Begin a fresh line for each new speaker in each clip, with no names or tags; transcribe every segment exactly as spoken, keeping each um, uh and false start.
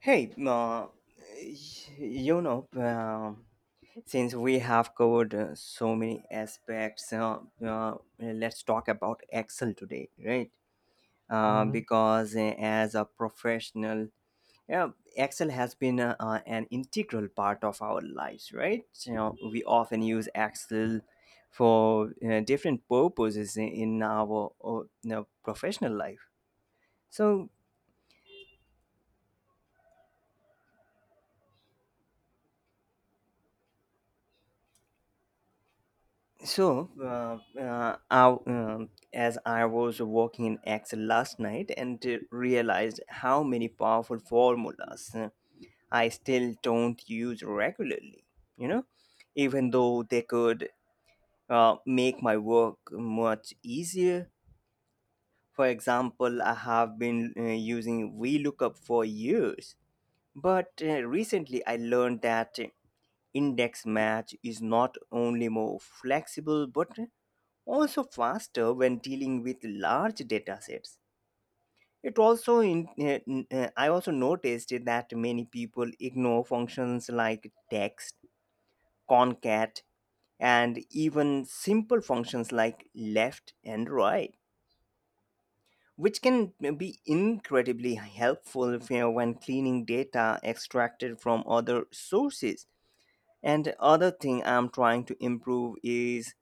Hey, uh, y- you know, um, Since we have covered uh, so many aspects, uh, uh, let's talk about Excel today, right? Uh,
Mhm.
because uh, as a professional, yeah, Excel has been uh, uh, an integral part of our lives, right? You know, we often use Excel for uh, different purposes in in our uh, you know, professional life. So So, uh, uh, I, um, as I was working in Excel last night and uh, realized how many powerful formulas uh, I still don't use regularly, you know, even though they could uh, make my work much easier. For example, I have been uh, using V lookup for years, but uh, recently I learned that index match is not only more flexible but also faster when dealing with large data sets. It also in, uh, n- uh, I also noticed that many people ignore functions like text, concat, and even simple functions like left and right, which can be incredibly helpful if, when cleaning data extracted from other sources. And other thing I'm trying to improve is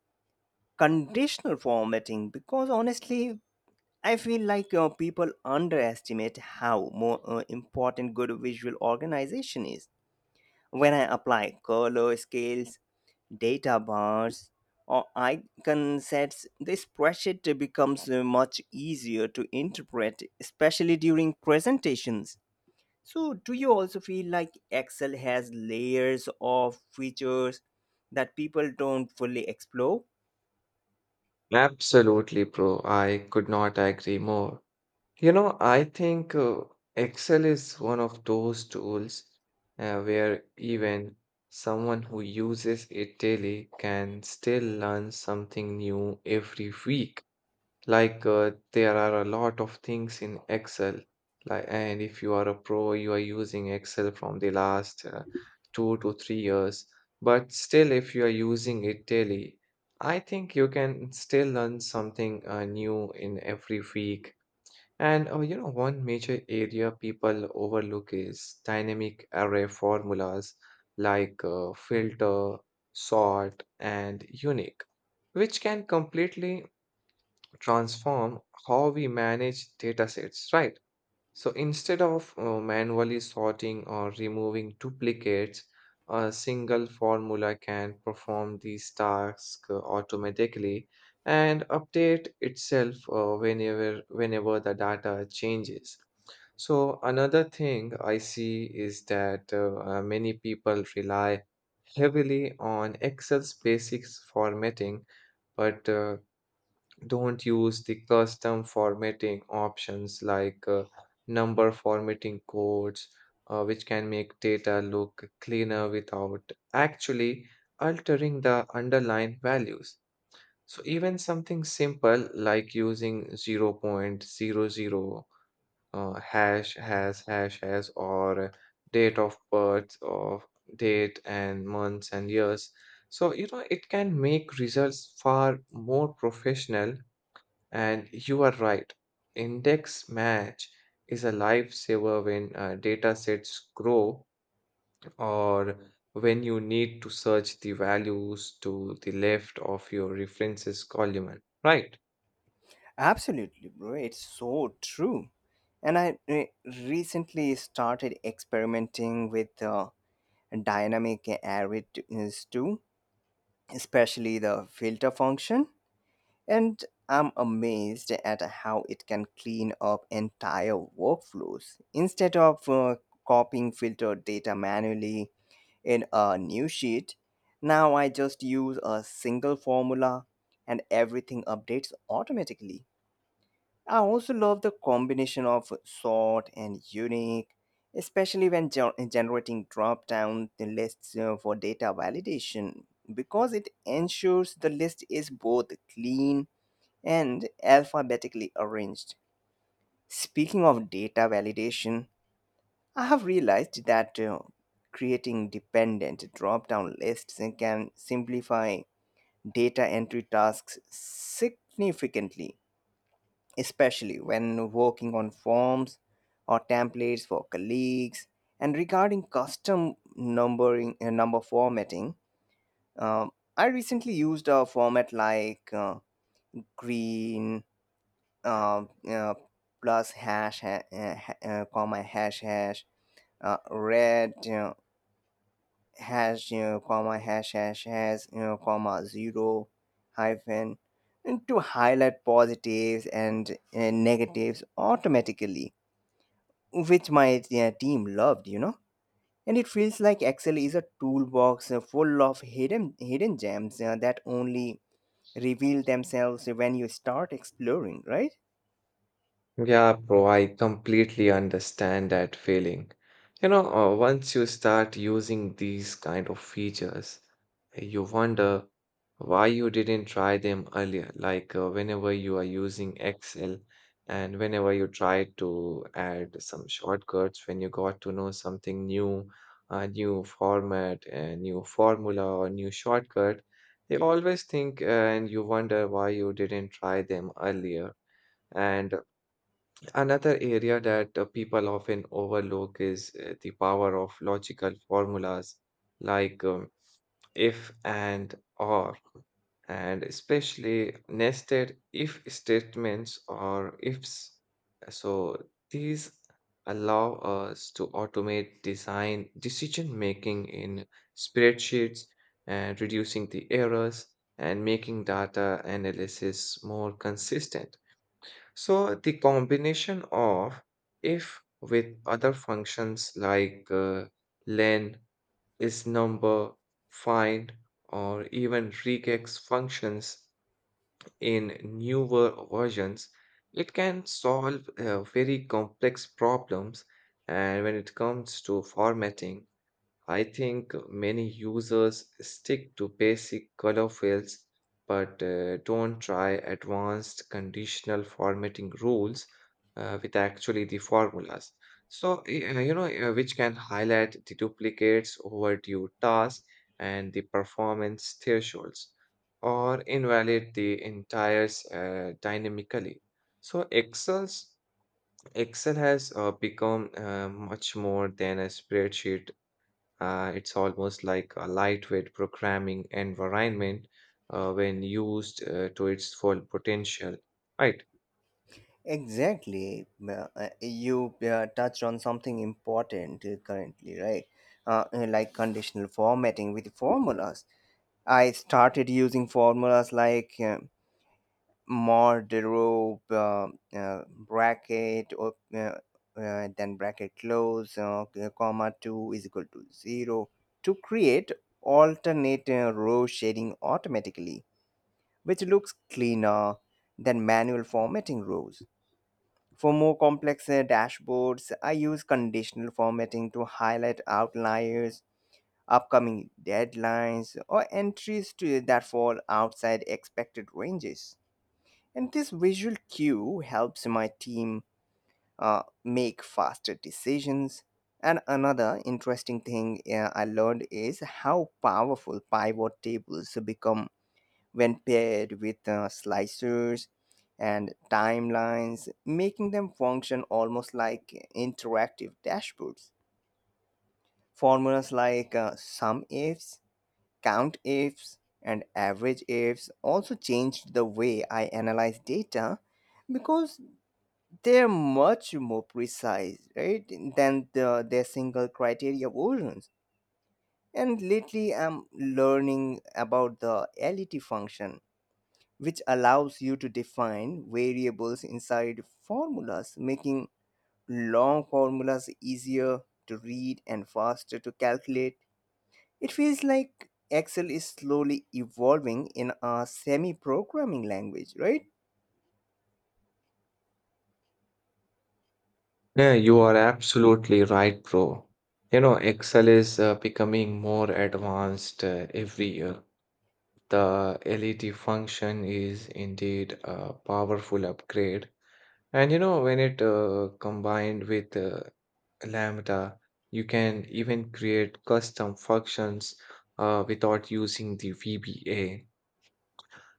conditional formatting because honestly I feel like uh, people underestimate how more uh, important good visual organization is. When I apply color scales, data bars, or icon sets, the spreadsheet becomes uh, much easier to interpret, especially during presentations. So, do you also feel like Excel has layers of features that people don't fully explore?
Absolutely, bro. I could not agree more. You know, I think uh, Excel is one of those tools uh, where even someone who uses it daily can still learn something new every week. Like uh, there are a lot of things in Excel. Like, and if you are a pro, you are using Excel from the last uh, two to three years. But still, if you are using it daily, I think you can still learn something uh, new in every week. And uh, you know, one major area people overlook is dynamic array formulas like uh, filter, sort, and unique, which can completely transform how we manage data sets, right? So instead of uh, manually sorting or removing duplicates, a single formula can perform these tasks uh, automatically and update itself uh, whenever whenever the data changes. So another thing I see is that uh, uh, many people rely heavily on Excel's basics formatting, but uh, don't use the custom formatting options like uh, number formatting codes, uh, which can make data look cleaner without actually altering the underlying values. So, even something simple like using zero point zero zero uh, hash, hash, hash, hash, or date of birth, or date and months and years. So, you know, it can make results far more professional, and you are right. Index match is a lifesaver when uh, data sets grow or when you need to search the values to the left of your references column, right?
Absolutely, bro. It's so true. And I re- recently started experimenting with uh, dynamic areas too, especially the filter function. And I'm amazed at how it can clean up entire workflows. Instead of uh, copying filter data manually in a new sheet, now I just use a single formula and everything updates automatically. I also love the combination of short and unique, especially when gen- uh, generating drop down lists uh, for data validation, because it ensures the list is both clean and alphabetically arranged. Speaking of data validation, I have realized that uh, creating dependent drop down lists can simplify data entry tasks significantly, especially when working on forms or templates for colleagues. And regarding custom numbering uh, number formatting, um, I recently used a format like uh, green uh, uh, plus hash ha- uh, ha- uh, comma hash hash uh, red you hash you comma hash hash hash you comma zero hyphen, and to highlight positives and uh, negatives automatically, which my uh, team loved, you know. And it feels like Excel is a toolbox uh, full of hidden hidden gems uh, that only reveal themselves when you start exploring, right?
Yeah, bro, I completely understand that feeling. You know, uh, once you start using these kind of features, you wonder why you didn't try them earlier. Like uh, whenever you are using Excel and whenever you try to add some shortcuts, when you got to know something new, a new format, a new formula, or new shortcut, you always think uh, and you wonder why you didn't try them earlier. And another area that uh, people often overlook is uh, the power of logical formulas like um, if and or, and especially nested if statements or ifs. So these allow us to automate design decision making in spreadsheets and reducing the errors and making data analysis more consistent. So the combination of if with other functions like uh, len, is number, find, or even regex functions in newer versions, it can solve uh, very complex problems. And when it comes to formatting, I think many users stick to basic color fields but uh, don't try advanced conditional formatting rules uh, with actually the formulas. So, y- uh, you know, uh, which can highlight the duplicates, overdue tasks, and the performance thresholds, or invalidate the entires uh, dynamically. So, Excel's Excel has uh, become uh, much more than a spreadsheet, uh, it's almost like a lightweight programming environment uh, when used uh, to its full potential, right?
Exactly. Uh, uh, you uh, touched on something important uh, currently, right? Uh, uh, like conditional formatting with formulas. I started using formulas like uh, Mordrobe uh, uh, bracket op- uh, uh, then bracket close uh, comma two is equal to zero to create alternate uh, row shading automatically, which looks cleaner than manual formatting rows. For more complex uh, dashboards, I use conditional formatting to highlight outliers, upcoming deadlines, or entries to that fall outside expected ranges, and this visual cue helps my team uh, make faster decisions. And another interesting thing uh, I learned is how powerful pivot tables become when paired with uh, slicers and timelines, making them function almost like interactive dashboards. Formulas like uh, sum ifs, count ifs, and average ifs also changed the way I analyze data, because they're much more precise, right, than the, their single criteria versions. And lately, I'm learning about the LET function, which allows you to define variables inside formulas, making long formulas easier to read and faster to calculate. It feels like Excel is slowly evolving in a semi programming language, right?
Yeah, you are absolutely right, bro. You know, Excel is uh, becoming more advanced uh, every year. The L E D function is indeed a powerful upgrade. And you know, when it uh, combined with uh, Lambda, you can even create custom functions uh, without using the V B A.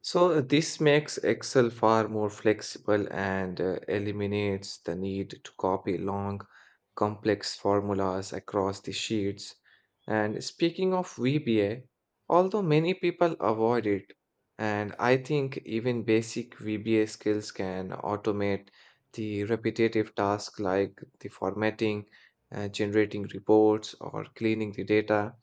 So uh, this makes Excel far more flexible and uh, eliminates the need to copy long, complex formulas across the sheets. And speaking of V B A, although many people avoid it, and I think even basic V B A skills can automate the repetitive tasks like the formatting, uh, generating reports, or cleaning the data.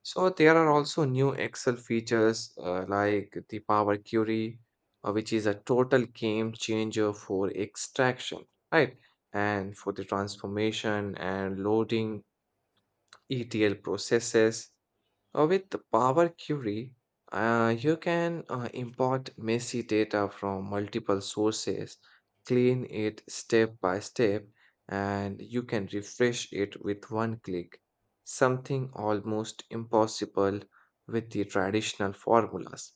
So there are also new Excel features uh, like the Power Query, uh, which is a total game changer for extraction, right? And for the transformation and loading E T L processes. Uh, With Power Query, uh, you can uh, import messy data from multiple sources, clean it step by step, and you can refresh it with one click, something almost impossible with the traditional formulas.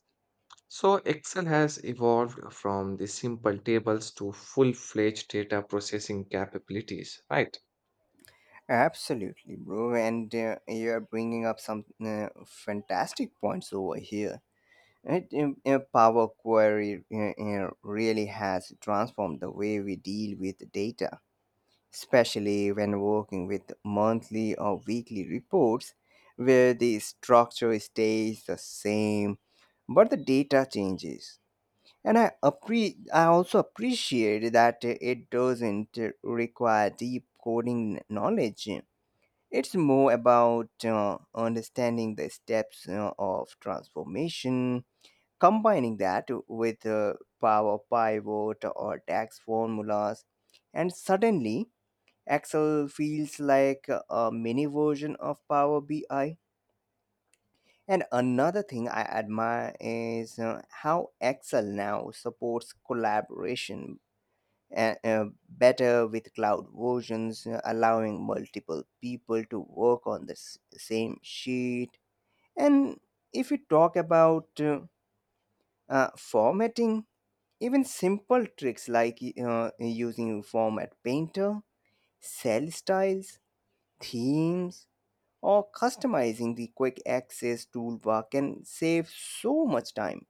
So, Excel has evolved from the simple tables to full fledged data processing capabilities, right?
Absolutely, bro. And uh, you're bringing up some uh, fantastic points over here. It, um, uh, Power Query uh, uh, really has transformed the way we deal with data, especially when working with monthly or weekly reports where the structure stays the same but the data changes. And I, appre- I also appreciate that it doesn't require deep coding knowledge. It's more about uh, understanding the steps uh, of transformation. Combining that with uh, power pivot or tax formulas, and suddenly Excel feels like a mini version of Power B I. And another thing I admire is uh, how Excel now supports collaboration uh, uh, better with cloud versions, uh, allowing multiple people to work on the s- same sheet. And if you talk about uh, uh, formatting, even simple tricks like uh, using format painter, cell styles, themes, or customizing the quick access toolbar can save so much time.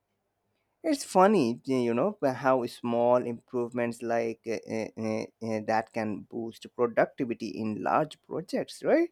It's funny, you know, how small improvements like uh, uh, uh, uh, that can boost productivity in large projects, right?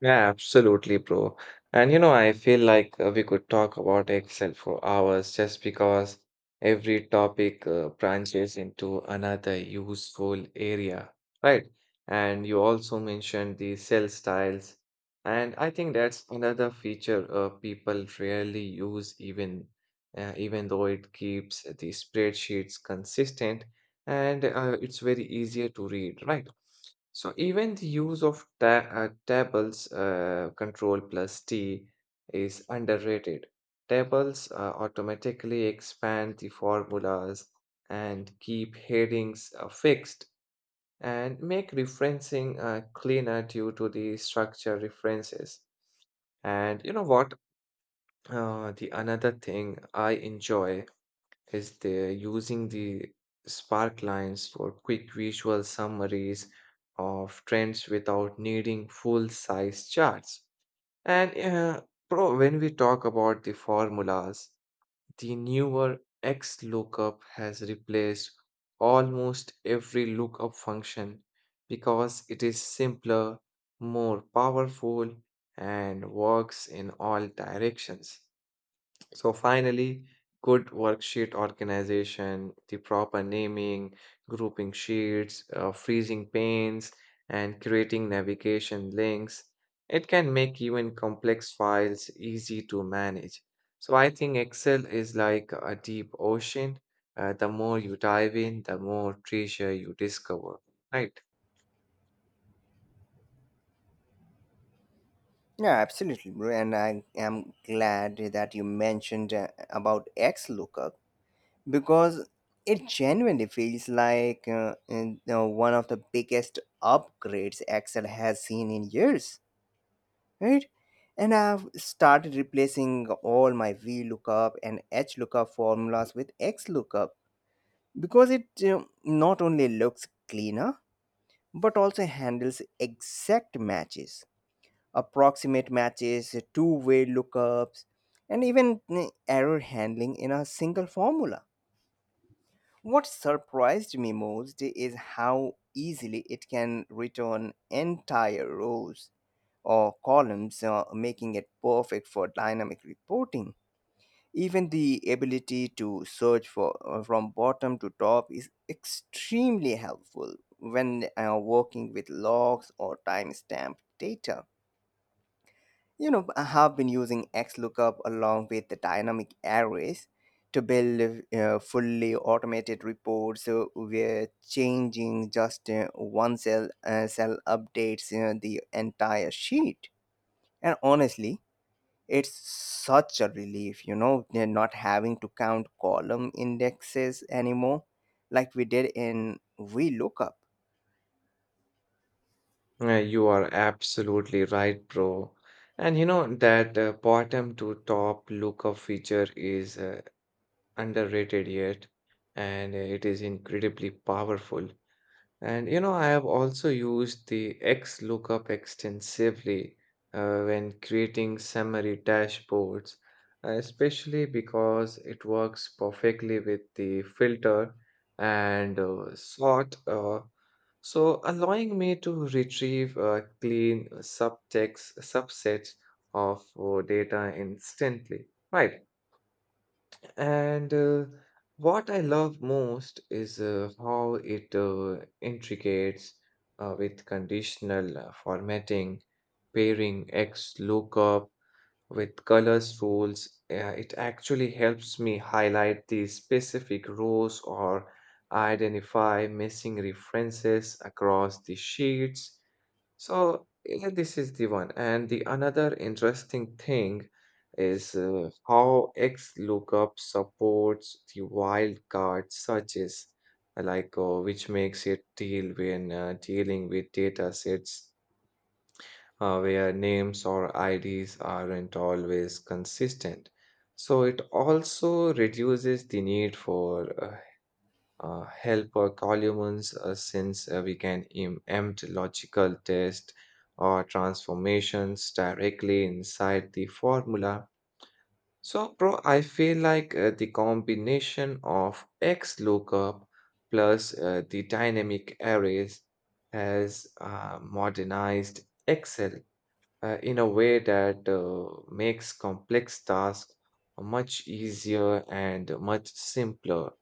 Yeah, absolutely, bro. And you know, I feel like uh, we could talk about Excel for hours just because every topic uh, branches into another useful area, right? And you also mentioned the cell styles. And I think that's another feature uh, people rarely use, even uh, even though it keeps the spreadsheets consistent and uh, it's very easier to read, right? So even the use of ta uh, tables, uh, control plus T is underrated. Tables uh, automatically expand the formulas and keep headings uh, fixed and make referencing uh, cleaner due to the structure references. And you know what? Uh, the another thing I enjoy is they're using the spark lines for quick visual summaries of trends without needing full size charts. And uh, pro, when we talk about the formulas, the newer X lookup has replaced almost every lookup function because it is simpler, more powerful, and works in all directions. So finally, good worksheet organization, the proper naming, grouping sheets, uh, freezing panes, and creating navigation links. It can make even complex files easy to manage. So I think Excel is like a deep ocean. Uh, the more you dive in, the more treasure you discover. Right?
Yeah, absolutely, bro. And I am glad that you mentioned uh, about XLookup, because it genuinely feels like uh, in, uh, one of the biggest upgrades Excel has seen in years, right? And I've started replacing all my V lookup and H lookup formulas with X lookup because it um, not only looks cleaner but also handles exact matches, approximate matches, two way lookups, and even mm, error handling in a single formula. What surprised me most is how easily it can return entire rows or columns, uh, making it perfect for dynamic reporting. Even the ability to search for uh, from bottom to top is extremely helpful when uh, working with logs or timestamp data. You know, I have been using X lookup along with the dynamic arrays to build uh, fully automated reports uh, where changing just uh, one cell uh, cell updates uh, the entire sheet. And honestly, it's such a relief, you know, they're not having to count column indexes anymore like we did in V lookup.
Uh, you are absolutely right, bro. And you know that uh, bottom to top lookup feature is uh, underrated yet, and it is incredibly powerful. And you know, I have also used the X lookup extensively uh, when creating summary dashboards, especially because it works perfectly with the filter and uh, sort. Uh, so allowing me to retrieve uh, clean subtext subsets of uh, data instantly, right? And uh, what I love most is uh, how it uh, integrates uh, with conditional uh, formatting, pairing X lookup with colors rules. Uh, it actually helps me highlight the specific rows or identify missing references across the sheets. So yeah, this is the one. And the another interesting thing is uh, how XLOOKUP supports the wildcard searches, like uh, which makes it deal when uh, dealing with data sets uh, where names or I Ds aren't always consistent. So it also reduces the need for uh, uh, help uh, columns uh, since uh, we can im- empt logical test or transformations directly inside the formula. So, bro, I feel like uh, the combination of X lookup plus uh, the dynamic arrays has uh, modernized Excel uh, in a way that uh, makes complex tasks much easier and much simpler.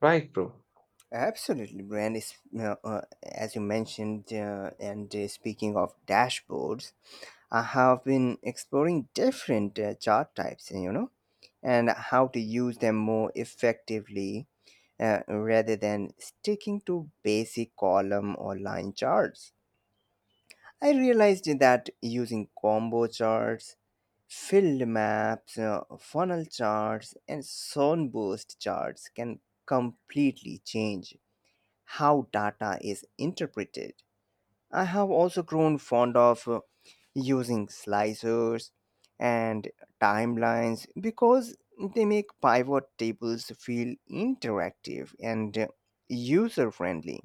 Right, bro?
Absolutely, Brand. Is, uh, uh, as you mentioned, uh, and uh, speaking of dashboards, I have been exploring different uh, chart types, you know, and how to use them more effectively, uh, rather than sticking to basic column or line charts. I realized that using combo charts, field maps, uh, funnel charts, and sunburst charts can completely change how data is interpreted. I have also grown fond of uh, using slicers and timelines because they make pivot tables feel interactive and user friendly,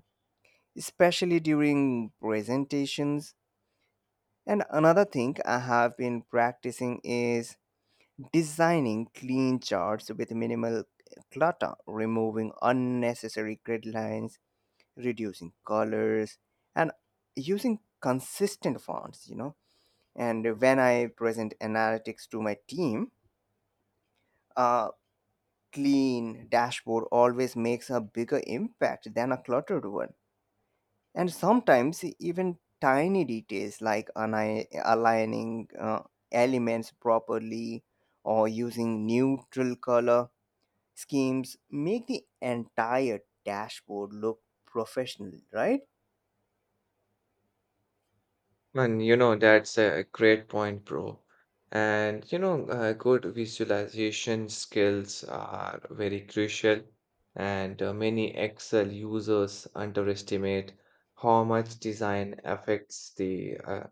especially during presentations. And another thing I have been practicing is designing clean charts with minimal clutter, removing unnecessary grid lines, reducing colors, and using consistent fonts, you know. And when I present analytics to my team, a clean dashboard always makes a bigger impact than a cluttered one. And sometimes even tiny details like ani- aligning uh, elements properly or using neutral color schemes make the entire dashboard look professional, right?
And you know, that's a great point, bro. And you know, uh, good visualization skills are very crucial, and uh, many Excel users underestimate how much design affects the uh,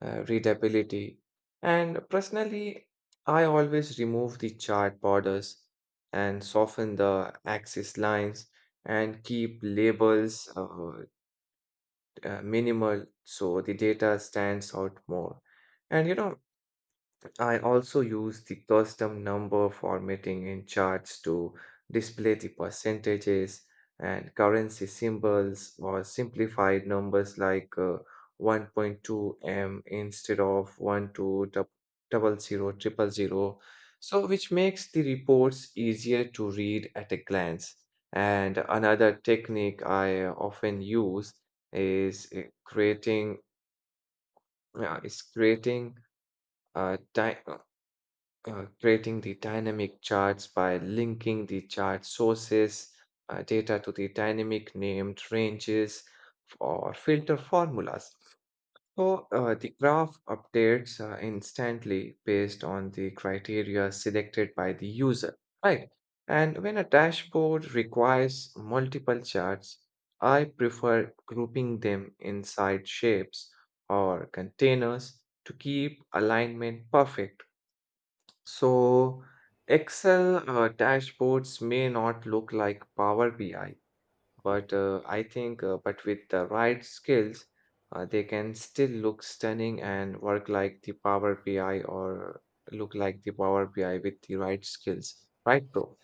uh, readability. And personally, I always remove the chart borders and soften the axis lines and keep labels uh, uh, minimal, so the data stands out more. And you know, I also use the custom number formatting in charts to display the percentages and currency symbols or simplified numbers like uh, one point two M instead of twelve million. So, which makes the reports easier to read at a glance. And another technique I often use is uh, creating uh, is creating a time uh, creating the dynamic charts by linking the chart sources uh, data to the dynamic named ranges or filter formulas. So uh, the graph updates uh, instantly based on the criteria selected by the user, right? And when a dashboard requires multiple charts, I prefer grouping them inside shapes or containers to keep alignment perfect. So, Excel uh, dashboards may not look like Power B I, but uh, I think, uh, but with the right skills, uh, they can still look stunning and work like the Power B I or look like the Power B I with the right skills. Right, bro?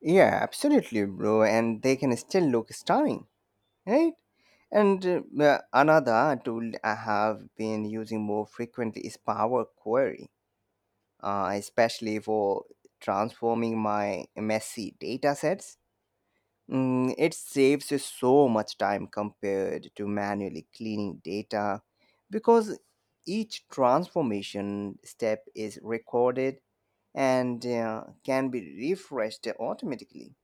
Yeah, absolutely, bro. And they can still look stunning, right? And uh, another tool I have been using more frequently is Power Query, uh, especially for transforming my messy datasets. Mm, it saves you so much time compared to manually cleaning data because each transformation step is recorded and uh, can be refreshed automatically.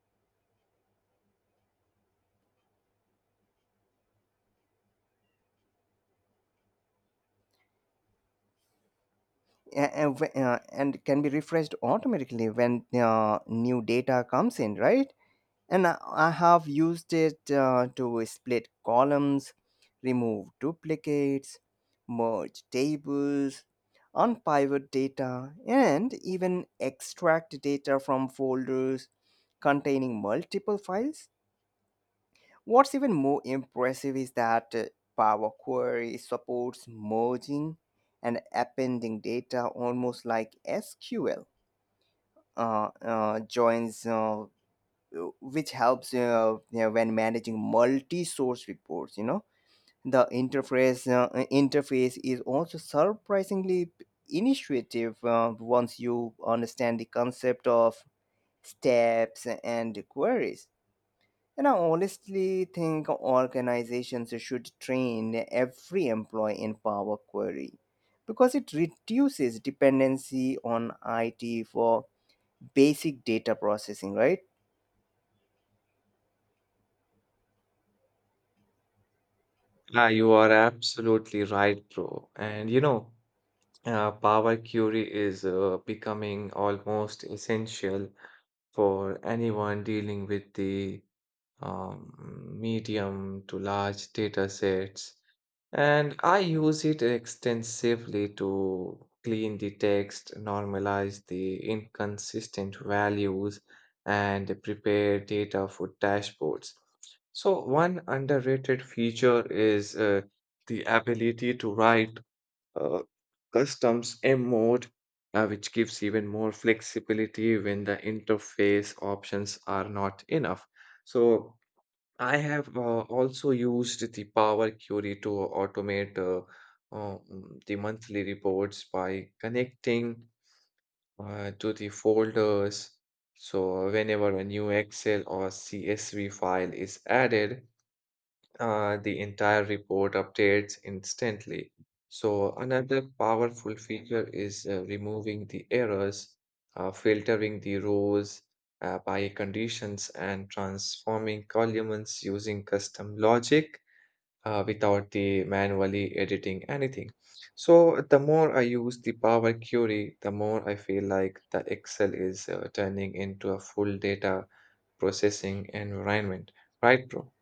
A- and, wh- uh, and can be refreshed automatically when uh, new data comes in, right. And I I have used it uh, to split columns, remove duplicates, merge tables, unpivot data, and even extract data from folders containing multiple files. What's even more impressive is that uh, Power Query supports merging and appending data almost like S Q L uh, uh, joins, uh, which helps, uh, you know, when managing multi-source reports. You know, the interface uh, interface is also surprisingly initiative uh, once you understand the concept of steps and queries. And I honestly think organizations should train every employee in power query because it reduces dependency on it for basic data processing, right.
Ah, you are absolutely right, bro. And you know, uh, Power Query is uh, becoming almost essential for anyone dealing with the um, medium to large data sets. And I use it extensively to clean the text, normalize the inconsistent values, and prepare data for dashboards. So, one underrated feature is uh, the ability to write uh, customs M mode, uh, which gives even more flexibility when the interface options are not enough. So, I have uh, also used the Power Query to automate uh, uh, mm, the monthly reports by connecting uh, to the folders. So whenever a new Excel or C S V file is added, uh, the entire report updates instantly. So, another powerful feature is uh, removing the errors, uh, filtering the rows uh, by conditions, and transforming columns using custom logic uh, without the manually editing anything. So, the more I use the Power Query, the more I feel like the Excel is uh, turning into a full data processing environment, right, bro?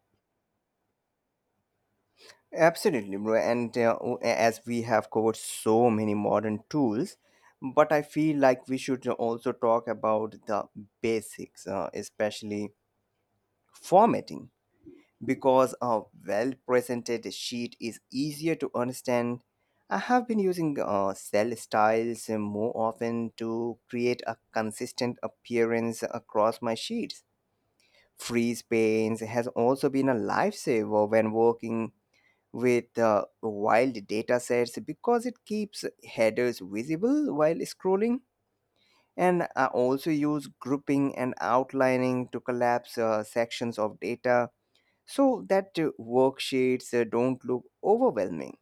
Absolutely, bro. And uh, o- as we have covered so many modern tools, but I feel like we should also talk about the basics, uh, especially formatting, because a well presented sheet is easier to understand. I have been using uh, cell styles uh, more often to create a consistent appearance across my sheets. Freeze panes has also been a lifesaver when working with uh, wild datasets because it keeps headers visible while scrolling. And I also use grouping and outlining to collapse uh, sections of data so that uh, worksheets uh, don't look overwhelming.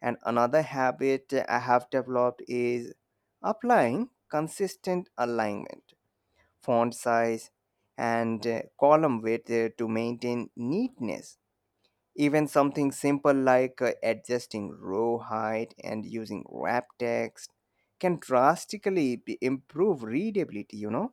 And another habit I have developed is applying consistent alignment, font size, and uh, column width uh, to maintain neatness. Even something simple like uh, adjusting row height and using wrap text can drastically be- improve readability, you know?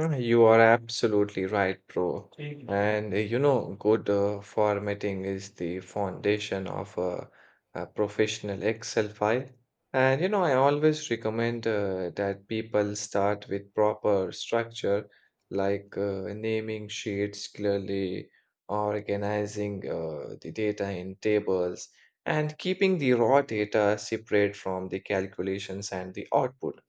Uh, You are absolutely right, bro. Mhm. And uh, you know, good uh, formatting is the foundation of a, a professional Excel file. And you know, I always recommend uh, that people start with proper structure, like uh, naming sheets clearly, organizing uh, the data in tables, and keeping the raw data separate from the calculations and the output.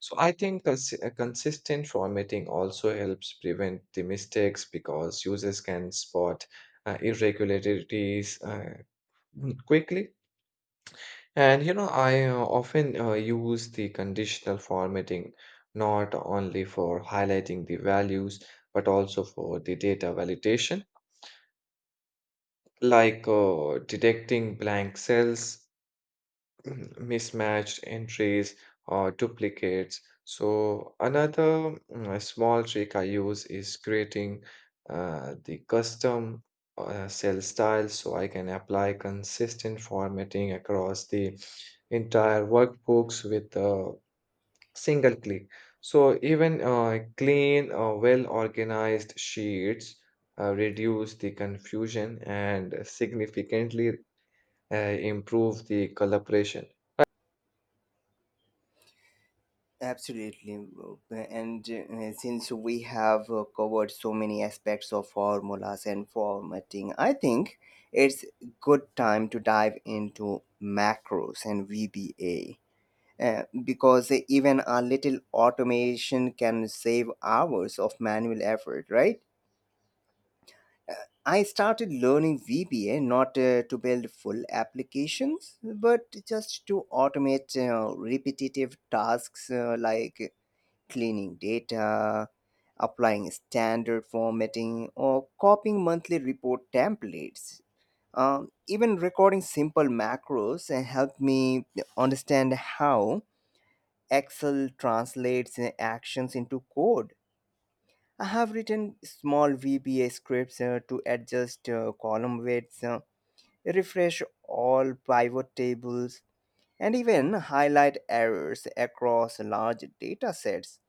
So I think cons- uh, consistent formatting also helps prevent the mistakes because users can spot uh, irregularities uh, mm, quickly. And you know, I uh, often uh, use the conditional formatting not only for highlighting the values but also for the data validation, like uh, detecting blank cells, mhm, mismatched entries or duplicates. So another mm, small trick I use is creating uh, the custom uh, cell style so I can apply consistent formatting across the entire workbooks with a single click. So even uh, clean or well-organized sheets uh, reduce the confusion and significantly uh, improve the collaboration.
Absolutely, bro. And uh, since we have uh, covered so many aspects of formulas and formatting, I think it's good time to dive into macros and V B A. Uh, because even a little automation can save hours of manual effort, right? I started learning V B A not uh, to build full applications, but just to automate uh, repetitive tasks uh, like cleaning data, applying standard formatting, or copying monthly report templates. Um, even recording simple macros uh, helped me understand how Excel translates uh, actions into code. I have written small V B A scripts uh, to adjust uh, column weights, uh, refresh all pivot tables, and even highlight errors across large data sets.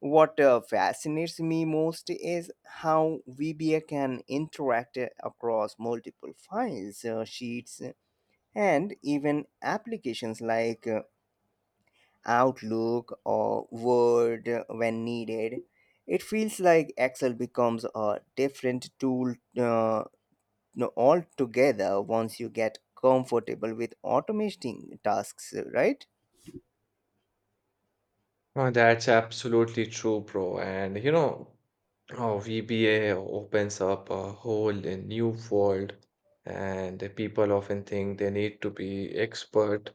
What uh, fascinates me most is how V B A can interact uh, across multiple files, uh, sheets, and even applications like uh, Outlook or Word when needed. It feels like Excel becomes a different tool, uh, no, altogether once you get comfortable with automating tasks, right?
No, that's absolutely true, bro. And you know, oh, V B A opens up a whole uh, new world, and the people often think they need to be expert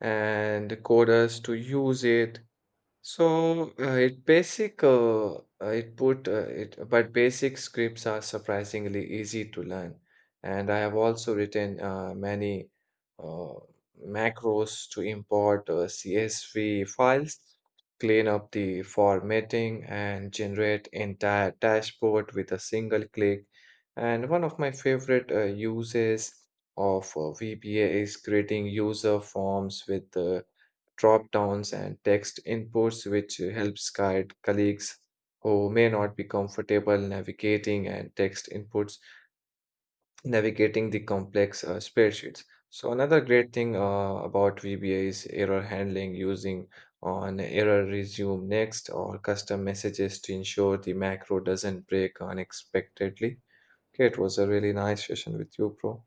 and coders to use it. So, uh, it basic uh, uh, it put uh, it but basic scripts are surprisingly easy to learn. And I have also written uh, many uh, macros to import uh, C S V files, clean up the formatting, and generate entire dashboard with a single click. And one of my favorite uh, uses of uh, V B A is creating user forms with uh, dropdowns and text inputs, which helps guide colleagues who may not be comfortable navigating and text inputs, navigating the complex uh, spreadsheets. So another great thing uh, about V B A is error handling using on error resume next or custom messages to ensure the macro doesn't break unexpectedly. Okay, it was a really nice session with you, bro.